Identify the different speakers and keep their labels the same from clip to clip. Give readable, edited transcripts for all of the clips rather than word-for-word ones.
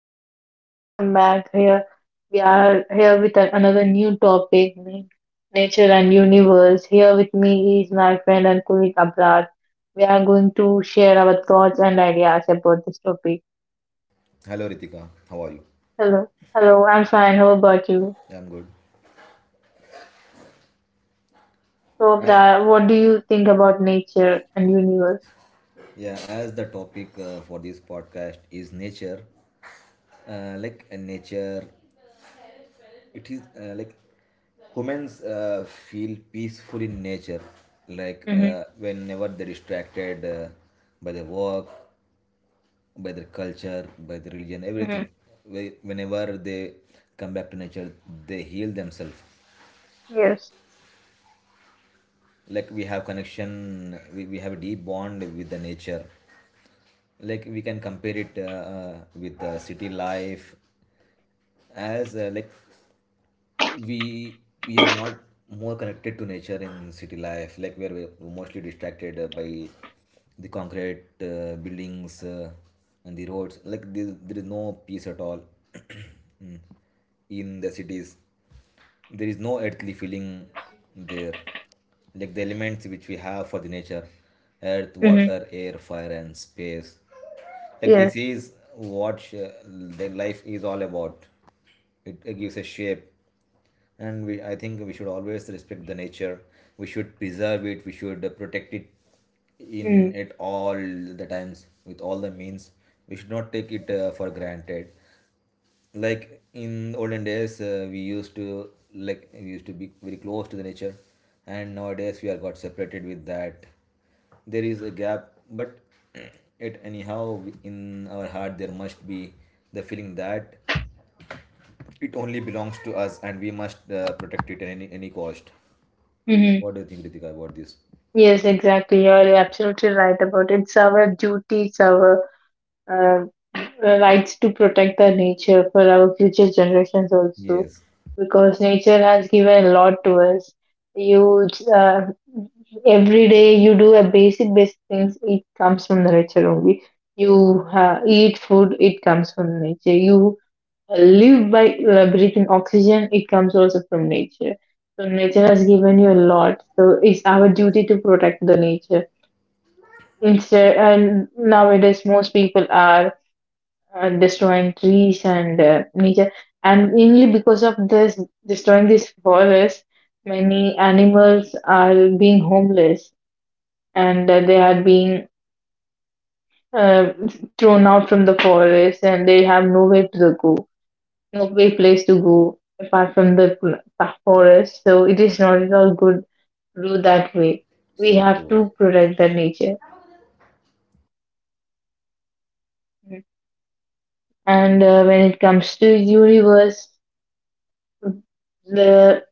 Speaker 1: Hello, guys, welcome back. Here we are here with another new topic nature and universe. Here with me is my friend and colleague Abrar. We are going to share our thoughts and ideas about this topic.
Speaker 2: Hello Ritika, how are you?
Speaker 1: Hello, hello, I'm fine. How about you?
Speaker 2: Yeah, I'm good.
Speaker 1: So,
Speaker 2: A-
Speaker 1: Abrar, what do you think about nature and universe?
Speaker 2: yeah, as the topic for this podcast is nature, nature, it is like humans feel peaceful in nature, like
Speaker 1: Mm-hmm.
Speaker 2: whenever they're distracted by the work, by their culture, by the religion,
Speaker 1: Mm-hmm.
Speaker 2: everything. Whenever they come back to nature, they heal themselves.
Speaker 1: Yes.
Speaker 2: Like we have connection, we have a deep bond with the nature, like we can compare it with city life. As like we we are not more connected to nature in city life. Like we are mostly distracted by the concrete buildings and the roads. Like there is no peace at all. Mm. In the cities, there is no earthly feeling there, like the elements which we have for the nature: earth,
Speaker 1: Mm-hmm.
Speaker 2: water, air, fire and space. Like this
Speaker 1: Yes.
Speaker 2: is what the life is all about. It gives a shape. And we I think we should always respect the nature. We should preserve it, we should protect it in
Speaker 1: Mm-hmm.
Speaker 2: at all the times with all the means. We should not take it for granted. Like in olden days, we used to be very close to the nature, and nowadays we are got separated with that. There is a gap, but it anyhow in our heart there must be the feeling that it only belongs to us and we must protect it at any cost. What do you think, Ritika, about this?
Speaker 1: Yes, exactly. You're absolutely right about it. It's our duty, it's our uh, rights to protect the nature for our future generations also,
Speaker 2: Yes,
Speaker 1: because nature has given a lot to us. You uh, every day you do a basic things, it comes from the nature only. You eat food, it comes from nature. You live by breathing oxygen, it comes also from nature. So nature has given you a lot, so it's our duty to protect the nature instead. And nowadays most people are destroying trees and nature. And mainly because of this, destroying these forests, many animals are being homeless and they are being uh, thrown out from the forest and they have no way to go, no way place to go apart from the forest. So it is not at all good to do that way. We
Speaker 2: so
Speaker 1: have
Speaker 2: true.
Speaker 1: to protect the nature. And when it comes to universe, the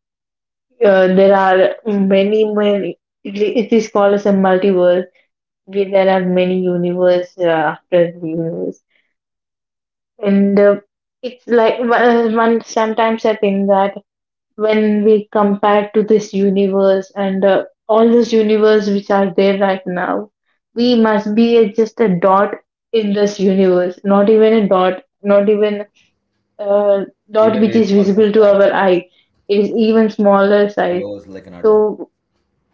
Speaker 1: There are many, many. It is called as a multiverse, where there are many universe after the universe, and it's like one. Sometimes I think that when we compare to this universe and all those universe which are there right now, we must be a, just a dot in this universe. Not even a dot. Not even a dot
Speaker 2: Even
Speaker 1: which
Speaker 2: very
Speaker 1: is
Speaker 2: small from
Speaker 1: visible to
Speaker 2: that,
Speaker 1: our eye. It is even smaller size.
Speaker 2: close like an atom.
Speaker 1: So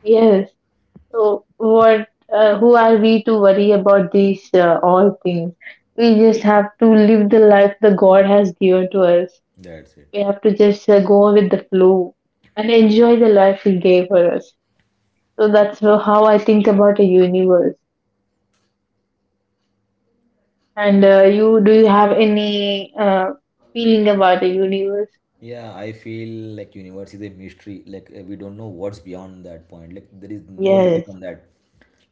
Speaker 1: yes. So what? Who are we to worry about these all things? We just have to live the life the God has given to us.
Speaker 2: That's it.
Speaker 1: We have to just go with the flow and enjoy the life He gave for us. So that's how I think about the universe. And you, do you have any feeling about the universe?
Speaker 2: Yeah, I feel like universe is a mystery. Like we don't know what's beyond that point. Like there is no limit
Speaker 1: Yes.
Speaker 2: on that.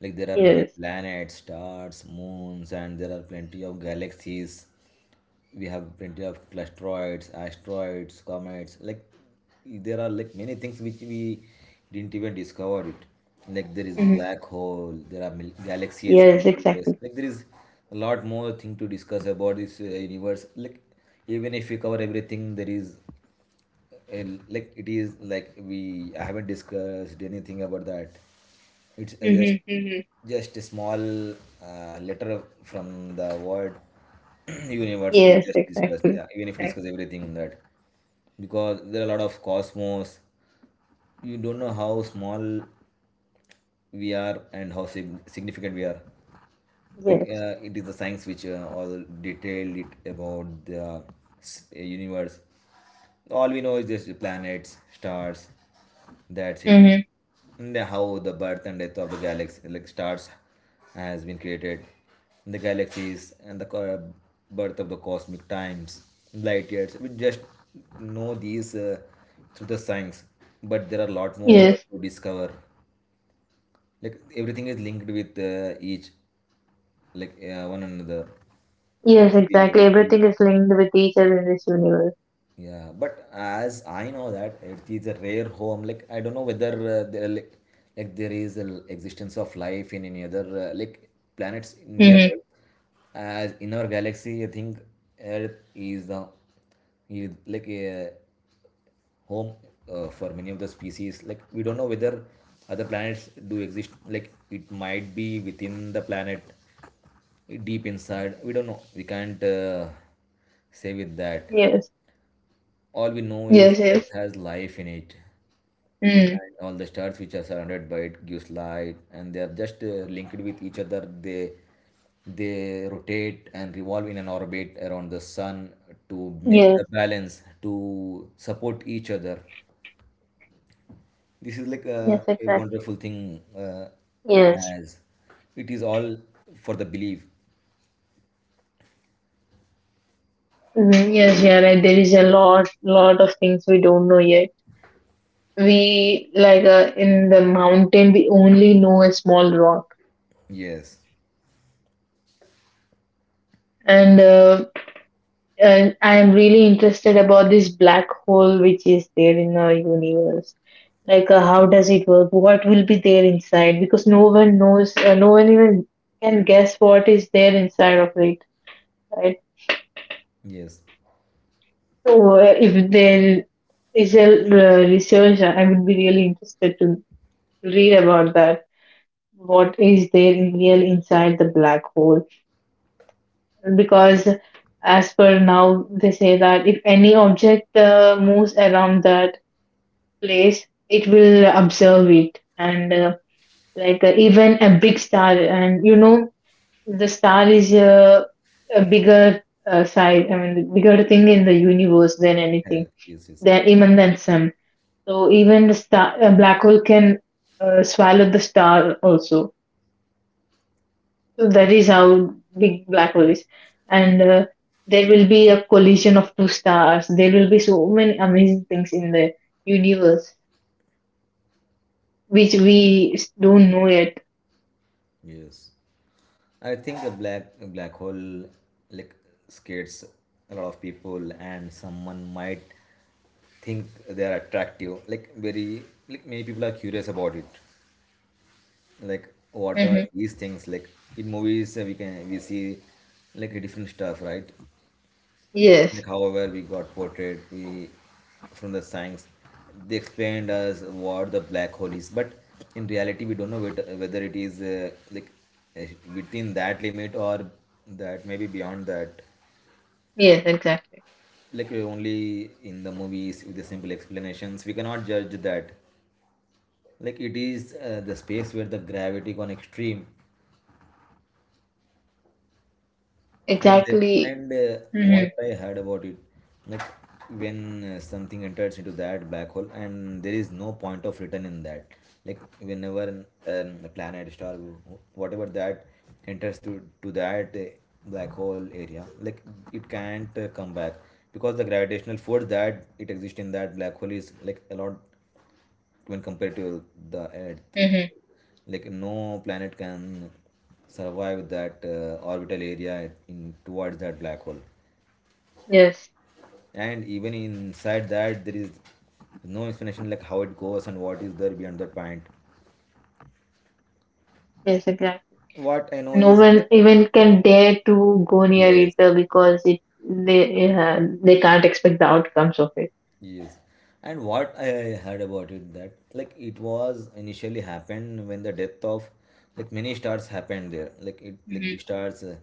Speaker 2: Like there are many
Speaker 1: Yes.
Speaker 2: planets, stars, moons, and there are plenty of galaxies. We have plenty of clusteroids, asteroids, comets. Like there are like many things which we didn't even discover it. Like there is
Speaker 1: Hmm.
Speaker 2: black hole, there are galaxies,
Speaker 1: Yes.
Speaker 2: Milky Ways.
Speaker 1: Exactly.
Speaker 2: Like there is a lot more thing to discuss about this universe. Like even if we cover everything, there is, and like it is like we I haven't discussed anything about that. It's
Speaker 1: Hmm. Hmm.
Speaker 2: just a small letter from the word universe we
Speaker 1: Yes.
Speaker 2: just discussed.
Speaker 1: Exactly.
Speaker 2: Yeah, even if we discuss
Speaker 1: Exactly.
Speaker 2: everything on that, because there are a lot of cosmos. You don't know how small we are and how significant we are. Like
Speaker 1: Yes.
Speaker 2: it is the science which all detailed it about the universe. All we know is just the planets, stars. That's it.
Speaker 1: Hmm.
Speaker 2: And how the birth and death of the galaxy, like stars, has been created. The galaxies and the birth of the cosmic times, light years. We just know these through the science, but there are a lot more
Speaker 1: Yes.
Speaker 2: to discover. Like everything is linked with each, like one another. Like,
Speaker 1: Yes,
Speaker 2: we-
Speaker 1: exactly.
Speaker 2: like,
Speaker 1: Everything is linked with each other in this universe.
Speaker 2: Yeah, but as I know that it is a rare home. Like I don't know whether there like there is an existence of life in any other planets nearby.
Speaker 1: Mm-hmm.
Speaker 2: As in our galaxy, I think Earth is the, is like a home for many of the species. Like we don't know whether other planets do exist. Like it might be within the planet, deep inside. We don't know. We can't say with that.
Speaker 1: Yes.
Speaker 2: All we know is
Speaker 1: Yes, yes.
Speaker 2: Earth has life in it,
Speaker 1: Mm.
Speaker 2: and all the stars which are surrounded by it gives light, and they are just linked with each other. They rotate and revolve in an orbit around the sun to make
Speaker 1: Yes,
Speaker 2: the balance to support each other. This is like
Speaker 1: yes,
Speaker 2: a
Speaker 1: exactly.
Speaker 2: wonderful thing,
Speaker 1: Yes.
Speaker 2: as it is all for the belief.
Speaker 1: Mm, yes, yeah, right. There is a lot of things we don't know yet. We like in the mountain, we only know a small rock,
Speaker 2: Yes,
Speaker 1: and I am really interested about this black hole which is there in our universe. Like how does it work, what will be there inside, because no one knows, no one even can guess what is there inside of it, right?
Speaker 2: yes.
Speaker 1: So if there is a research, I would be really interested to read about that, what is there in real inside the black hole. Because as per now they say that if any object moves around that place, it will observe it and even a big star. And you know the star is a bigger size, I mean, the bigger thing in the universe than anything,
Speaker 2: Eh, yes, yes,
Speaker 1: than even than sun. So even the star, a black hole can swallow the star also. So that is how big black hole is, and there will be a collision of two stars. There will be so many amazing things in the universe which we don't know yet.
Speaker 2: yes. I think a black hole like scares a lot of people, and someone might think they are attractive. Like very, like many people are curious about it. Like what are
Speaker 1: Hmm.
Speaker 2: these things? Like in movies, we see like different stuff, right?
Speaker 1: Yes,
Speaker 2: Like, however, we got portrayed we from the science. They explained us what the black hole is, but in reality, we don't know whether it is uh, within that limit or that maybe beyond that.
Speaker 1: yes, exactly,
Speaker 2: Like only in the movies with the simple explanations, we cannot judge that. Like it is the space where the gravity gone extreme, and that
Speaker 1: exactly.
Speaker 2: and
Speaker 1: Hmm.
Speaker 2: what I heard about it, like when something enters into that black hole, and there is no point of return in that. Like whenever a planet star, whatever that enters to that black hole area, like it can't come back, because the gravitational force that it exists in that black hole is like a lot when compared to the Earth.
Speaker 1: Hmm.
Speaker 2: Like no planet can survive that orbital area in towards that black hole.
Speaker 1: Yes,
Speaker 2: And even inside that, there is no explanation like how it goes and what is there beyond that point.
Speaker 1: yes, exactly.
Speaker 2: What I know
Speaker 1: No
Speaker 2: is like
Speaker 1: one even can dare to go near it
Speaker 2: yes,
Speaker 1: because it, they can't expect the outcomes of it.
Speaker 2: yes. And what I heard about it, that like it was initially happened when the death of like many stars happened there. Like it like
Speaker 1: Mm-hmm.
Speaker 2: big stars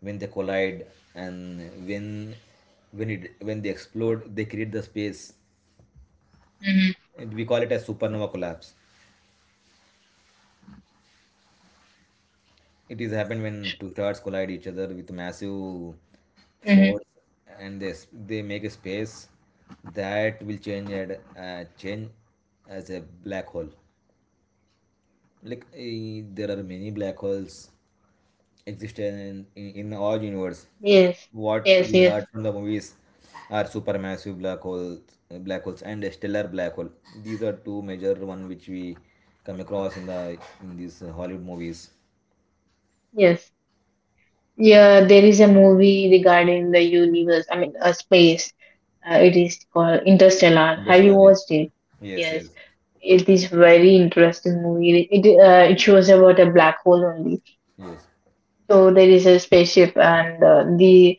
Speaker 2: when they collide, and when they explode, they create the space.
Speaker 1: Mm-hmm.
Speaker 2: And we call it as supernova collapse. It is happened when two stars collide each other with massive
Speaker 1: Mm-hmm.
Speaker 2: force, and they make a space that will change at change as a black hole. Like there are many black holes existing in our universe.
Speaker 1: Yes,
Speaker 2: What
Speaker 1: yes,
Speaker 2: we
Speaker 1: yes,
Speaker 2: heard from the movies are supermassive black holes, and a stellar black hole. These are two major one which we come across in the in these Hollywood movies.
Speaker 1: yes. Yeah, there is a movie regarding the universe. I mean, space. It is called Interstellar. Have you
Speaker 2: Interstellar,
Speaker 1: watched it?
Speaker 2: yes
Speaker 1: Yes,
Speaker 2: yes
Speaker 1: it is very interesting movie. It it shows about a black hole only.
Speaker 2: yes
Speaker 1: So there is a spaceship, and the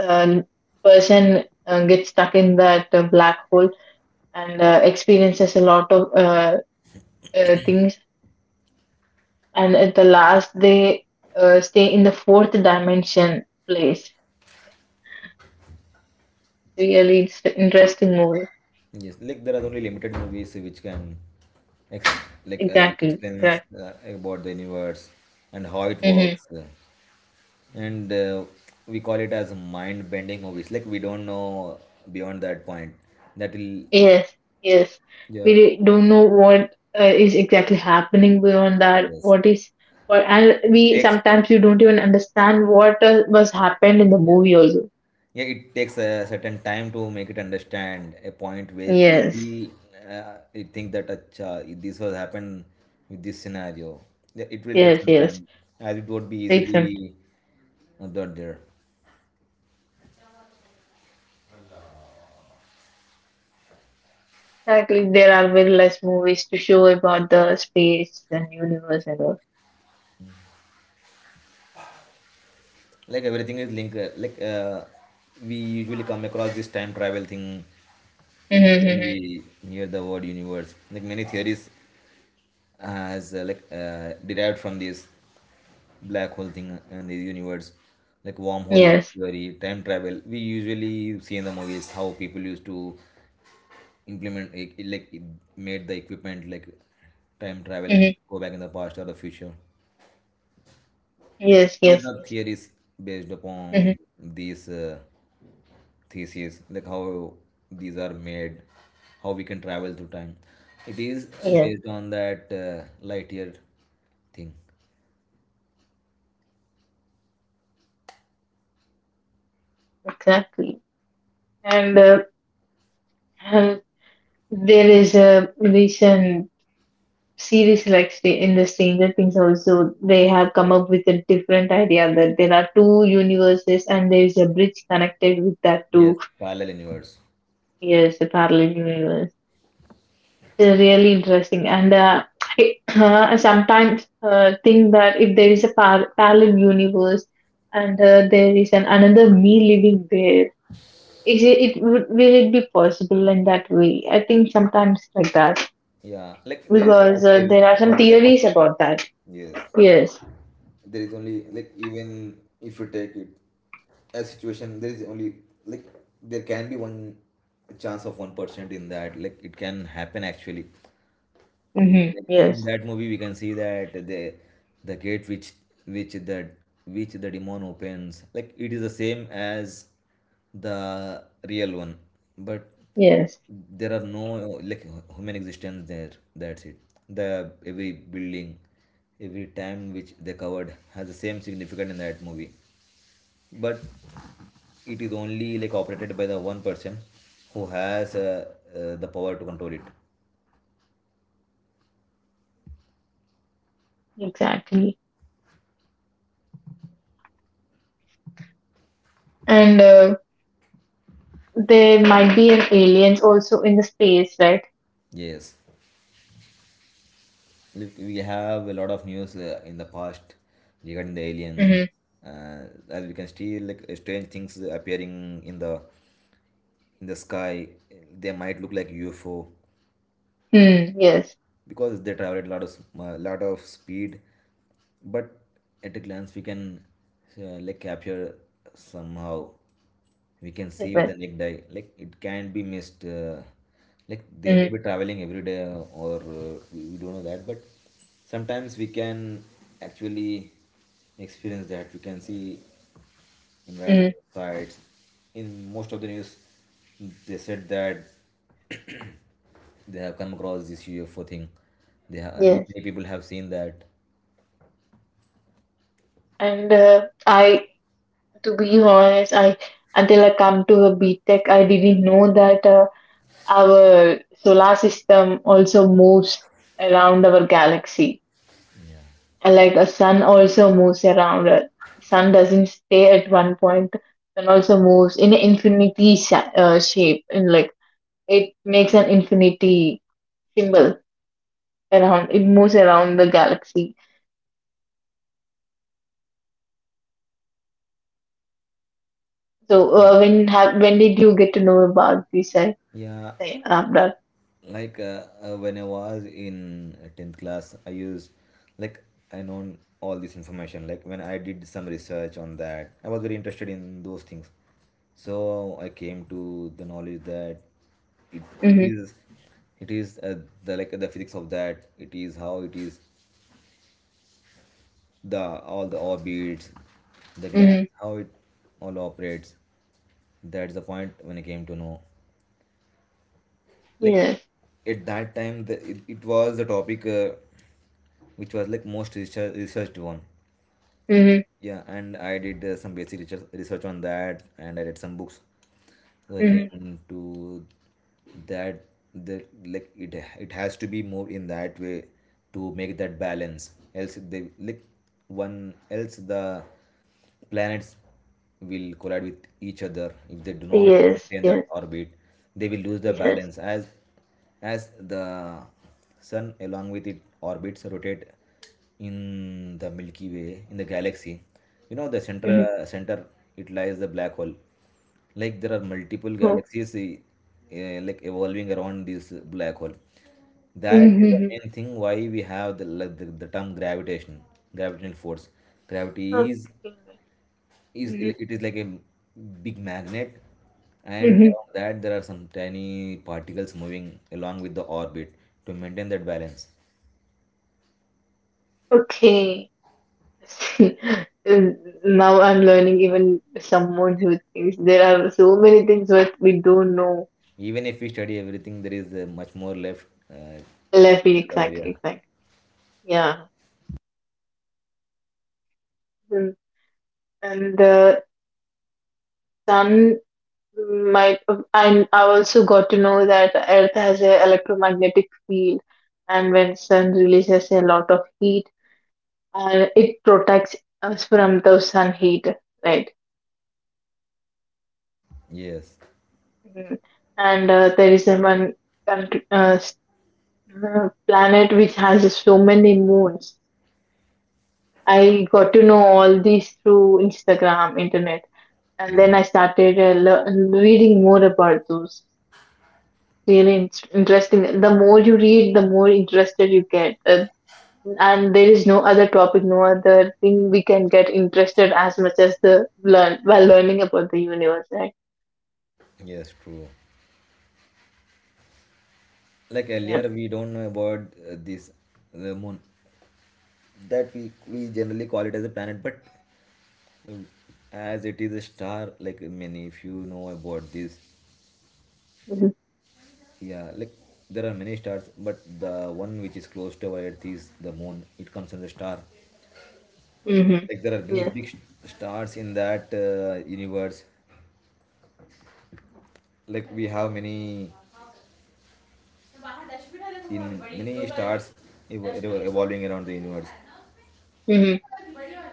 Speaker 1: uh, person gets stuck in that black hole and experiences a lot of things, and at the last they stay in the fourth dimension place. Really it's an interesting movie.
Speaker 2: Yes, like there are only limited movies which can ex- which
Speaker 1: Exactly,
Speaker 2: explains
Speaker 1: right.
Speaker 2: about the universe and how it
Speaker 1: Mm-hmm.
Speaker 2: works. And we call it as mind bending movies. Like we don't know beyond that point that will,
Speaker 1: Yes, yes. We
Speaker 2: yeah.
Speaker 1: don't know what is exactly happening beyond that,
Speaker 2: Yes,
Speaker 1: what is what. And
Speaker 2: it
Speaker 1: we
Speaker 2: takes
Speaker 1: sometimes you
Speaker 2: a
Speaker 1: don't even understand what was happened in the
Speaker 2: yes,
Speaker 1: movie also.
Speaker 2: yeah, it takes a certain time to make it understand, a point where you
Speaker 1: Yes,
Speaker 2: will you think that acha, this was happened with this scenario. Yeah, it will take
Speaker 1: yes,
Speaker 2: some
Speaker 1: yes.
Speaker 2: time, as it won't be
Speaker 1: Take some.
Speaker 2: easily not there.
Speaker 1: Exactly, there are very less movies to show about the space and universe and all.
Speaker 2: Like everything is linked, we usually come across this time travel thing when
Speaker 1: Mm-hmm.
Speaker 2: we hear the word universe. Like many theories has derived from this black hole thing and the universe, like wormhole
Speaker 1: Yes.
Speaker 2: theory, time travel. We usually see in the movies how people used to implement it, made the equipment like time travel
Speaker 1: Hmm.
Speaker 2: and go back in the past or the future. Like
Speaker 1: Yes,
Speaker 2: there
Speaker 1: yes,
Speaker 2: are
Speaker 1: yes.
Speaker 2: theories based
Speaker 1: Hmm.
Speaker 2: upon these theses, like how these are made, how we can travel through time. It is
Speaker 1: Yes,
Speaker 2: based on that light year thing.
Speaker 1: exactly. And uh, there is a recent series like in the Stranger Things also. They have come up with a different idea that there are two universes and there is a bridge connected with that
Speaker 2: Yes,
Speaker 1: two.
Speaker 2: parallel universe.
Speaker 1: Yes, a parallel universe. They're really interesting. And I I sometimes think that if there is a parallel universe and there is an another me living there, is it, it would, will it be possible in that way? I think sometimes like that
Speaker 2: Yeah, like there is
Speaker 1: because
Speaker 2: also
Speaker 1: there are some
Speaker 2: always a
Speaker 1: theories
Speaker 2: possibility.
Speaker 1: about that.
Speaker 2: Yes,
Speaker 1: Yes.
Speaker 2: there is only like, even if you take it as situation, there is only like there can be one chance of 1% in that. Like it can happen actually.
Speaker 1: Mm-hmm.
Speaker 2: Like, in
Speaker 1: Yes.
Speaker 2: that movie, we can see that the gate which the which the demon opens, like it is the same as the real one, but
Speaker 1: Yes.
Speaker 2: there are no like human existence there. That's it. The every building, every time which they covered has the same significance in that movie, but it is only like operated by the one person who has the power to control it.
Speaker 1: Exactly. And there might be an aliens also in the space, right?
Speaker 2: Yes. Look, we have a lot of news in the past regarding the alien.
Speaker 1: Mm-hmm.
Speaker 2: Uh, as we can see, like strange things appearing in the sky. They might look like UFO
Speaker 1: Mm, yes.
Speaker 2: because they travel at a lot of speed, but at a glance we can like capture somehow. We can see with
Speaker 1: Yes.
Speaker 2: the naked eye, like it can not be missed, like they may
Speaker 1: Mm-hmm.
Speaker 2: be traveling every day, or we don't know that. But sometimes we can actually experience that, we can see in random
Speaker 1: Mm,
Speaker 2: sites. In most of the news, they said that they have come across this UFO thing. They have, and
Speaker 1: yes.
Speaker 2: many people have seen that.
Speaker 1: And to be honest, I until I come to a BTech, I didn't know that our solar system also moves around our galaxy. And, like a sun also moves around. Sun doesn't stay at one point. Sun also moves in an infinity shape, and like it makes an infinity symbol around. It moves around the galaxy. So,
Speaker 2: Yeah,
Speaker 1: when did you get to know about this? I
Speaker 2: yeah.
Speaker 1: am done.
Speaker 2: Like when I was in 10th class, I used, like, I known all this information. Like when I did some research on that, I was very interested in those things. So I came to the knowledge that it, it
Speaker 1: Mhm.
Speaker 2: is it is the, like the physics of that. It is how it is the all the orbits, the glands,
Speaker 1: Mhm.
Speaker 2: how it all operates. That's the point when I came to know. Like
Speaker 1: Yes.
Speaker 2: at that time, it was the topic, which was like most researched one.
Speaker 1: Mhm.
Speaker 2: Yeah, and I did some basic research on that, and I read some books,
Speaker 1: Mhm.
Speaker 2: came to that, the, like it has to be moved in that way to make that balance, else they, like one, else the planets will collide with each other if they do not
Speaker 1: Yes.
Speaker 2: maintain that
Speaker 1: Yes.
Speaker 2: orbit. They will lose the
Speaker 1: Yes.
Speaker 2: balance as the sun along with its orbits rotate in the Milky Way, in the galaxy. The center
Speaker 1: Mhm.
Speaker 2: center it lies the black hole. Like there are multiple
Speaker 1: Mhm.
Speaker 2: galaxies, like evolving around this black hole. That is the
Speaker 1: Mhm.
Speaker 2: main thing why we have the term gravitation, gravitational force. Gravity is
Speaker 1: Okay.
Speaker 2: is
Speaker 1: Mhm.
Speaker 2: it is like a big magnet, and
Speaker 1: Mhm.
Speaker 2: around that there are some tiny particles moving along with the orbit to maintain that balance.
Speaker 1: Okay. See, now I'm learning, even someone who thinks there are so many things that we don't know.
Speaker 2: Even if we study everything, there is much more left to
Speaker 1: Left,
Speaker 2: discover. Yeah.
Speaker 1: exactly, exactly. Yeah. Mm. And the sun might, and I also got to know that Earth has a electromagnetic field, and when sun releases a lot of heat, it protects us from the sun heat, right?
Speaker 2: Yes.
Speaker 1: Mhm. And there is a one country, planet which has so many moons. I got to know all these through Instagram, internet, and then I
Speaker 2: Yes.
Speaker 1: started reading more about those. Really interesting. The more you read, the more interested you get. And there is no other topic, no other thing we can get interested as much as the learn while learning about the universe, right?
Speaker 2: Yes. True. Like
Speaker 1: Yeah.
Speaker 2: earlier we don't know about this the moon, that we generally call it as a planet, but uh, as it is a star. Like many, if you know about this,
Speaker 1: Mm-hmm.
Speaker 2: yeah, like there are many stars, but the one which is close to our Earth is the moon. It comes as a star.
Speaker 1: Mm-hmm.
Speaker 2: Like there are many
Speaker 1: Yes.
Speaker 2: big stars in that universe. Like we have many, in many stars, evolving around the universe.
Speaker 1: Mm-hmm.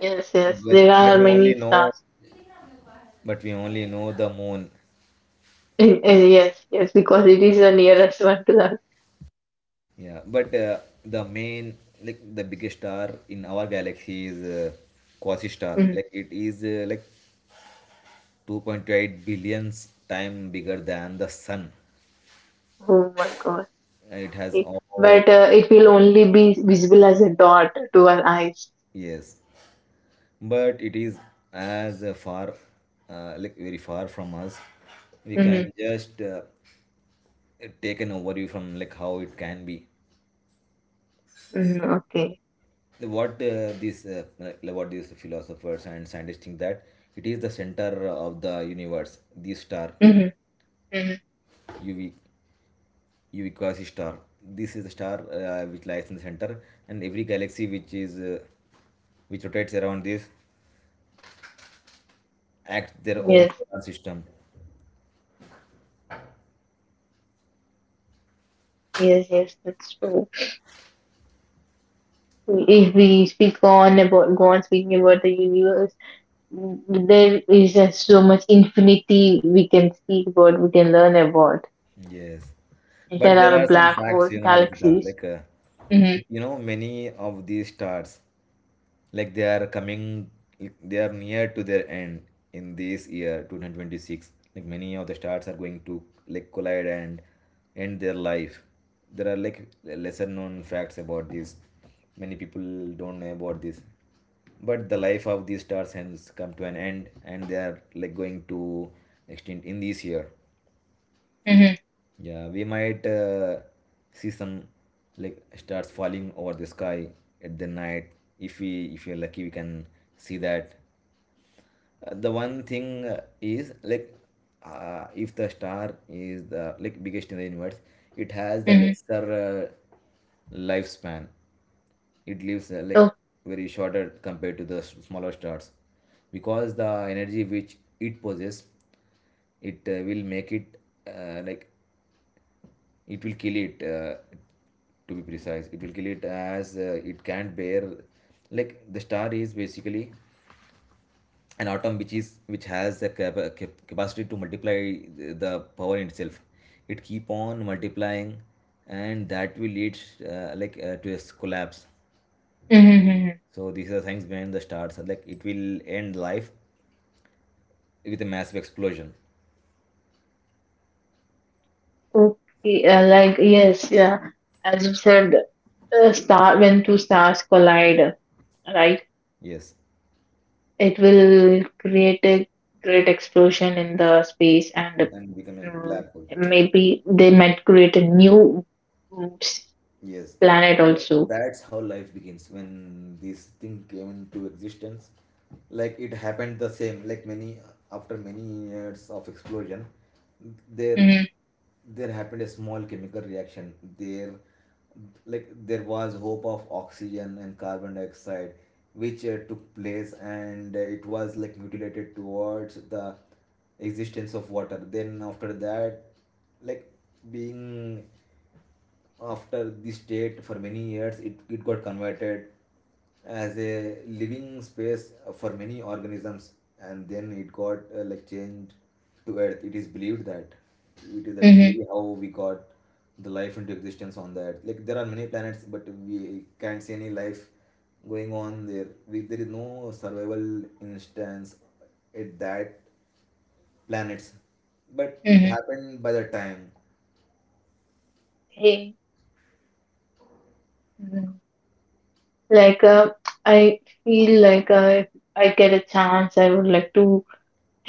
Speaker 1: Yes. Yes.
Speaker 2: but,
Speaker 1: There
Speaker 2: but
Speaker 1: are
Speaker 2: we
Speaker 1: many
Speaker 2: only know
Speaker 1: stars.
Speaker 2: but we only know the moon.
Speaker 1: Eh, eh, yes, yes, because it is the nearest one to the.
Speaker 2: Yeah, but the main, like the biggest star in our galaxy is quasi star.
Speaker 1: Mm.
Speaker 2: Like it is like 2.8 billions time bigger than the sun.
Speaker 1: Oh my God.
Speaker 2: It has
Speaker 1: Eh,
Speaker 2: all.
Speaker 1: but it will only be visible as a dot to our eyes.
Speaker 2: Yes, but it is as far, like very far from us. We can
Speaker 1: Mm-hmm.
Speaker 2: just take an overview from like how it can be,
Speaker 1: Mm-hmm. Okay.
Speaker 2: what these, like what these philosophers and scientists think, that it is the center of the universe, this star.
Speaker 1: Mm-hmm.
Speaker 2: Uv uv Quasi star, this is the star, which lies in the center, and every galaxy which is which rotates around this acts their
Speaker 1: Mm-hmm.
Speaker 2: own
Speaker 1: Yes,
Speaker 2: solar system.
Speaker 1: yes, yes, that's true. If we speak on about go on speaking about the universe, mm, there is so much infinity we can speak about, we can learn about.
Speaker 2: Yes,
Speaker 1: There
Speaker 2: but there
Speaker 1: are
Speaker 2: are some
Speaker 1: black
Speaker 2: facts,
Speaker 1: holes,
Speaker 2: you know, Ritika,
Speaker 1: galaxies.
Speaker 2: like,
Speaker 1: Mm-hmm.
Speaker 2: many of these stars, like they are coming, like they are near to their end in this year 2026. Like many of the stars are going to, like, collide and end their life. There are like lesser known facts about this. Many people don't know about this, but the life of these stars has come to an end, and they are like going to extinct in this year.
Speaker 1: Mm-hmm.
Speaker 2: Yeah, we might see some, like, stars falling over the sky at the night. If we are lucky, we can see that. The one thing is like, if the star is the like biggest in the universe, it has the
Speaker 1: Mm-hmm.
Speaker 2: lesser lifespan. It lives like
Speaker 1: Oh.
Speaker 2: very shorter compared to the smaller stars, because the energy which it possesses, it will make it, like, it will kill it, to be precise, it will kill it, as it can't bear. Like the star is basically an atom, which has the capacity to multiply the power in itself. It keep on multiplying, and that will lead, like, to a collapse.
Speaker 1: Mm-hmm.
Speaker 2: So these are things behind the stars, like it will end life with a massive explosion.
Speaker 1: Okay, like yes, yeah. As you said, star when two stars collide, right?
Speaker 2: Yes,
Speaker 1: It will create a great explosion in the space, and
Speaker 2: and become a
Speaker 1: mm,
Speaker 2: black hole.
Speaker 1: maybe they might create a new mm,
Speaker 2: Yes,
Speaker 1: planet
Speaker 2: like
Speaker 1: also.
Speaker 2: that's how life begins when this thing came into existence. Like it happened the same. Like many after many years of explosion, there
Speaker 1: Mm-hmm,
Speaker 2: there happened a small chemical reaction. There, like, there was hope of oxygen and carbon dioxide, which took place, and it was like mutilated towards the existence of water. Then after that, like being, after this state for many years, it got converted as a living space for many organisms, and then it got like changed to Earth. It is believed that it is a
Speaker 1: mm-hmm,
Speaker 2: theory how we got the life into existence on that. Like there are many planets, but we can't see any life going on there. There is no survival instance at that planets, but it
Speaker 1: mm-hmm.
Speaker 2: happened by the time.
Speaker 1: Hey, mm. Like I feel like if I get a chance, I would like to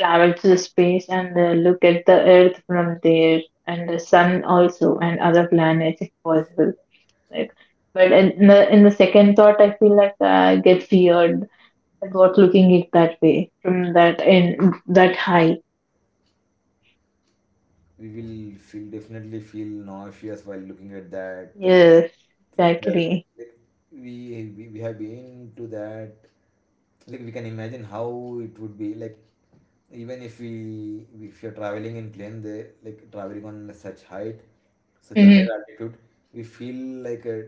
Speaker 1: travel to the space and look at the Earth from there and the Sun also and other planets if possible. Like, but in the second thought, I feel like I get feared about looking it that way from that in that high.
Speaker 2: We will feel definitely feel nauseous while looking at that.
Speaker 1: Yes,
Speaker 2: Uh,
Speaker 1: exactly.
Speaker 2: like, we have been to that. Like we can imagine how it would be like, even if you're traveling in plane, they like traveling on such height, such a
Speaker 1: Hmm.
Speaker 2: higher altitude, we feel like a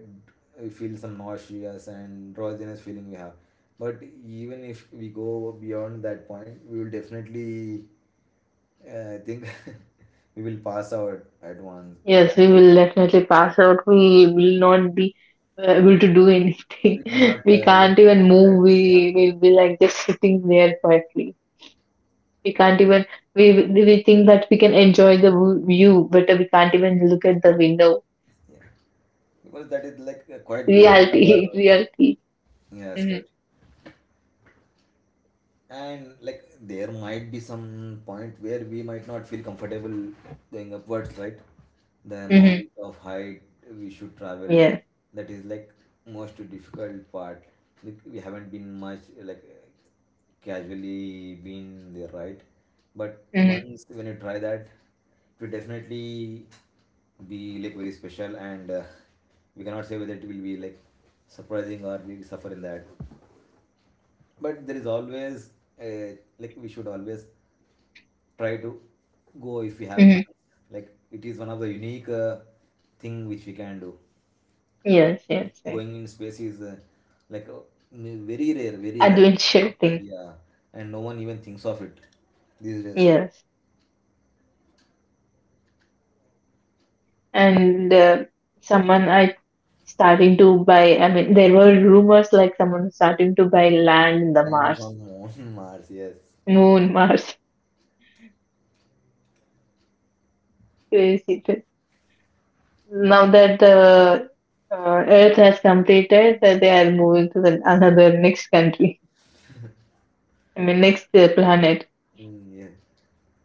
Speaker 2: we feel some nauseous and drowsiness feeling we have. But even if we go beyond that point, we will definitely, yeah, I think we will pass out at once. We
Speaker 1: Yes,
Speaker 2: can't
Speaker 1: we
Speaker 2: be
Speaker 1: will
Speaker 2: like,
Speaker 1: definitely pass out.
Speaker 2: yeah,
Speaker 1: We will not be able to do anything.
Speaker 2: we cannot
Speaker 1: We
Speaker 2: like
Speaker 1: can't even
Speaker 2: accept that.
Speaker 1: move.
Speaker 2: Yeah,
Speaker 1: We will be like just sitting there quietly. We can't even we we think that we can enjoy the view, but we can't even look at the window.
Speaker 2: yeah, because that is like quite beyond our
Speaker 1: Reality, reality.
Speaker 2: yeah,
Speaker 1: Mm-hmm.
Speaker 2: scout. And like there might be some point where we might not feel comfortable going upwards, right, the
Speaker 1: Mm-hmm.
Speaker 2: amount of height we should travel,
Speaker 1: Yes.
Speaker 2: that is like most difficult part. Like, we haven't been much like casually been there, right, but
Speaker 1: Mm-hmm.
Speaker 2: once when you try that, it will definitely be like very special, and we cannot say whether it will be like surprising or we suffer in that, but there is always like we should always try to go if we have
Speaker 1: Mm-hmm.
Speaker 2: chance. Like it is one of the unique thing which we can do. Like
Speaker 1: Yes. Yes. Yes.
Speaker 2: going in space is like very rare, very rare.
Speaker 1: Adventure thing.
Speaker 2: Yeah, and no one even thinks of it these days.
Speaker 1: Yes. And someone I starting to buy. I mean, there were rumors like someone starting to buy land in the
Speaker 2: Lands
Speaker 1: Mars,
Speaker 2: on moon, Mars, yes.
Speaker 1: Moon, Mars. Crazy thing. Now that the Earth has completed, that they are moving to the, another next country. I mean, next planet.
Speaker 2: Mm, yeah.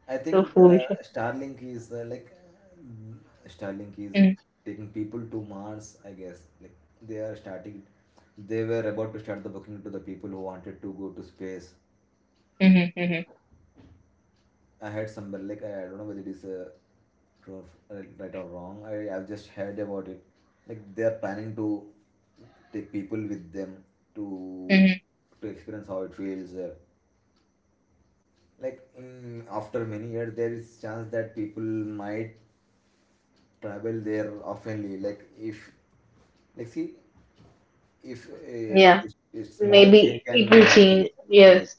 Speaker 2: I
Speaker 1: So
Speaker 2: think
Speaker 1: foolish.
Speaker 2: Mm, Starlink is
Speaker 1: Mm,
Speaker 2: taking people to Mars, I guess. Like they were about to start the booking to the people who wanted to go to space.
Speaker 1: mhm, mhm,
Speaker 2: I heard somewhere, like, I don't know whether it is true or right or wrong. I've just heard about it. Like they are planning to take people with them to
Speaker 1: mhm.
Speaker 2: to experience how it feels. Like after many years, there is chance that people might travel there oftenly. Like if, like, see if a,
Speaker 1: Yeah,
Speaker 2: if, if small change
Speaker 1: maybe
Speaker 2: can
Speaker 1: it will
Speaker 2: happen.
Speaker 1: change.
Speaker 2: Yes,
Speaker 1: Yes,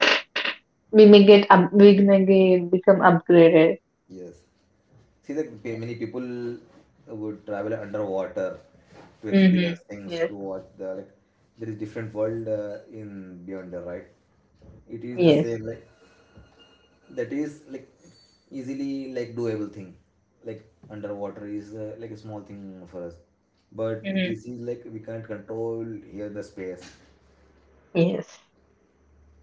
Speaker 1: we may get up, we may get, become upgraded.
Speaker 2: yes, see that many people would travel underwater to experience
Speaker 1: Mhm.
Speaker 2: things, to
Speaker 1: Yes,
Speaker 2: watch the, like, there is different world in, beyond the, right. It is the
Speaker 1: yes,
Speaker 2: same. Like that is like easily, like, doable thing. Like underwater is like a small thing for us, but
Speaker 1: mhm.
Speaker 2: this is like we can't control here, the space.
Speaker 1: Yes,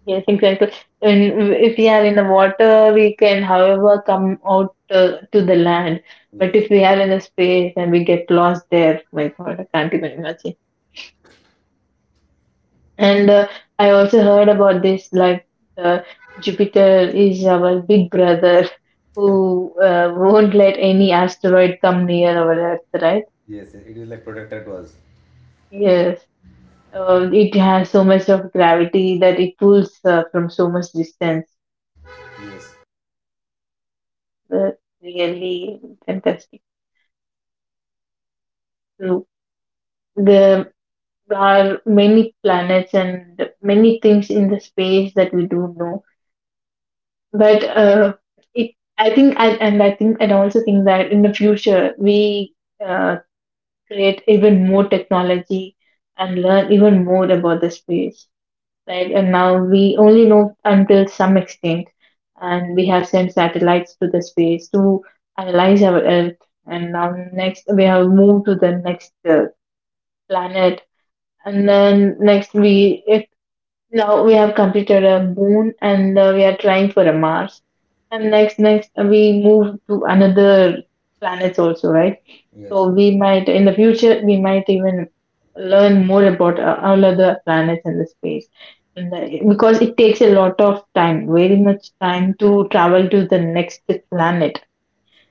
Speaker 1: yes. Exactly. And if we are in the water, we can, however, come out to the land. But
Speaker 2: Yes,
Speaker 1: if we are in a space and we get lost there, my God, I can't even imagine. And I also heard about this like uh, Jupiter is our big brother who won't let any asteroid come near our Earth, right?
Speaker 2: yes, it is like protected to us.
Speaker 1: Yes. It has so much of gravity that it pulls from so much distance.
Speaker 2: Yes.
Speaker 1: Uh, Really fantastic. So there are many planets and many things in the space that we don't know, but it, I think, and I think, and I also think that in the future we uh, create even more technology and learn even more about the space, right? And now we only know until some extent, and we have sent satellites to the space to analyze our Earth, and now next we have moved to the next planet, and then next we now we have completed a moon and we are trying for a Mars. And next, we move to another planets also, right? So
Speaker 2: Yes.
Speaker 1: we might in the future we might even learn more about all other planets in the space. And, because it takes a lot of time, very much time to travel to the next planet,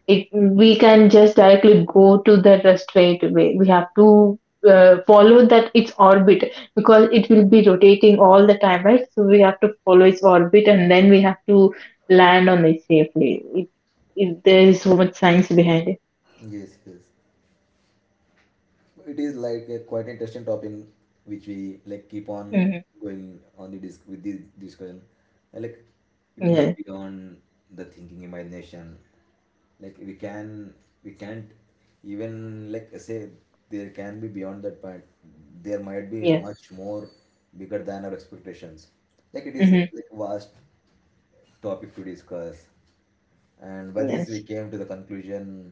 Speaker 1: it we can just directly go to the rest straight away. We have to follow that its orbit because it will be rotating all the time, right? So we have to follow its orbit and then we have to land on it safely. There is so much science behind it.
Speaker 2: Yes. Yes, it is like a quite interesting topic which we like keep
Speaker 1: Mm-hmm.
Speaker 2: on going on the disc with this discussion. And, like,
Speaker 1: Yeah,
Speaker 2: it is beyond the thinking imagination. Like we can't even like say there can be beyond that point. There might be
Speaker 1: yeah,
Speaker 2: much more bigger than our expectations. Like it is
Speaker 1: mm-hmm.
Speaker 2: like vast topic to discuss. And by this, we
Speaker 1: Yes,
Speaker 2: came to the conclusion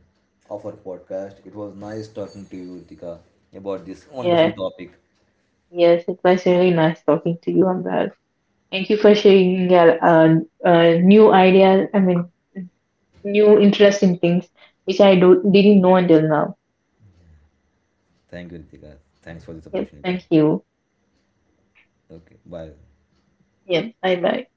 Speaker 2: of our podcast. It was nice talking to you, Ritika, about this wonderful
Speaker 1: yeah,
Speaker 2: topic.
Speaker 1: yes. It was really nice talking to you on. Thank you for sharing your new ideas. I mean, new interesting things which didn't know until now.
Speaker 2: Thank you, Ritika. Thanks for this
Speaker 1: Yep.
Speaker 2: opportunity.
Speaker 1: Thank you.
Speaker 2: Okay, bye.
Speaker 1: Yep. Bye bye.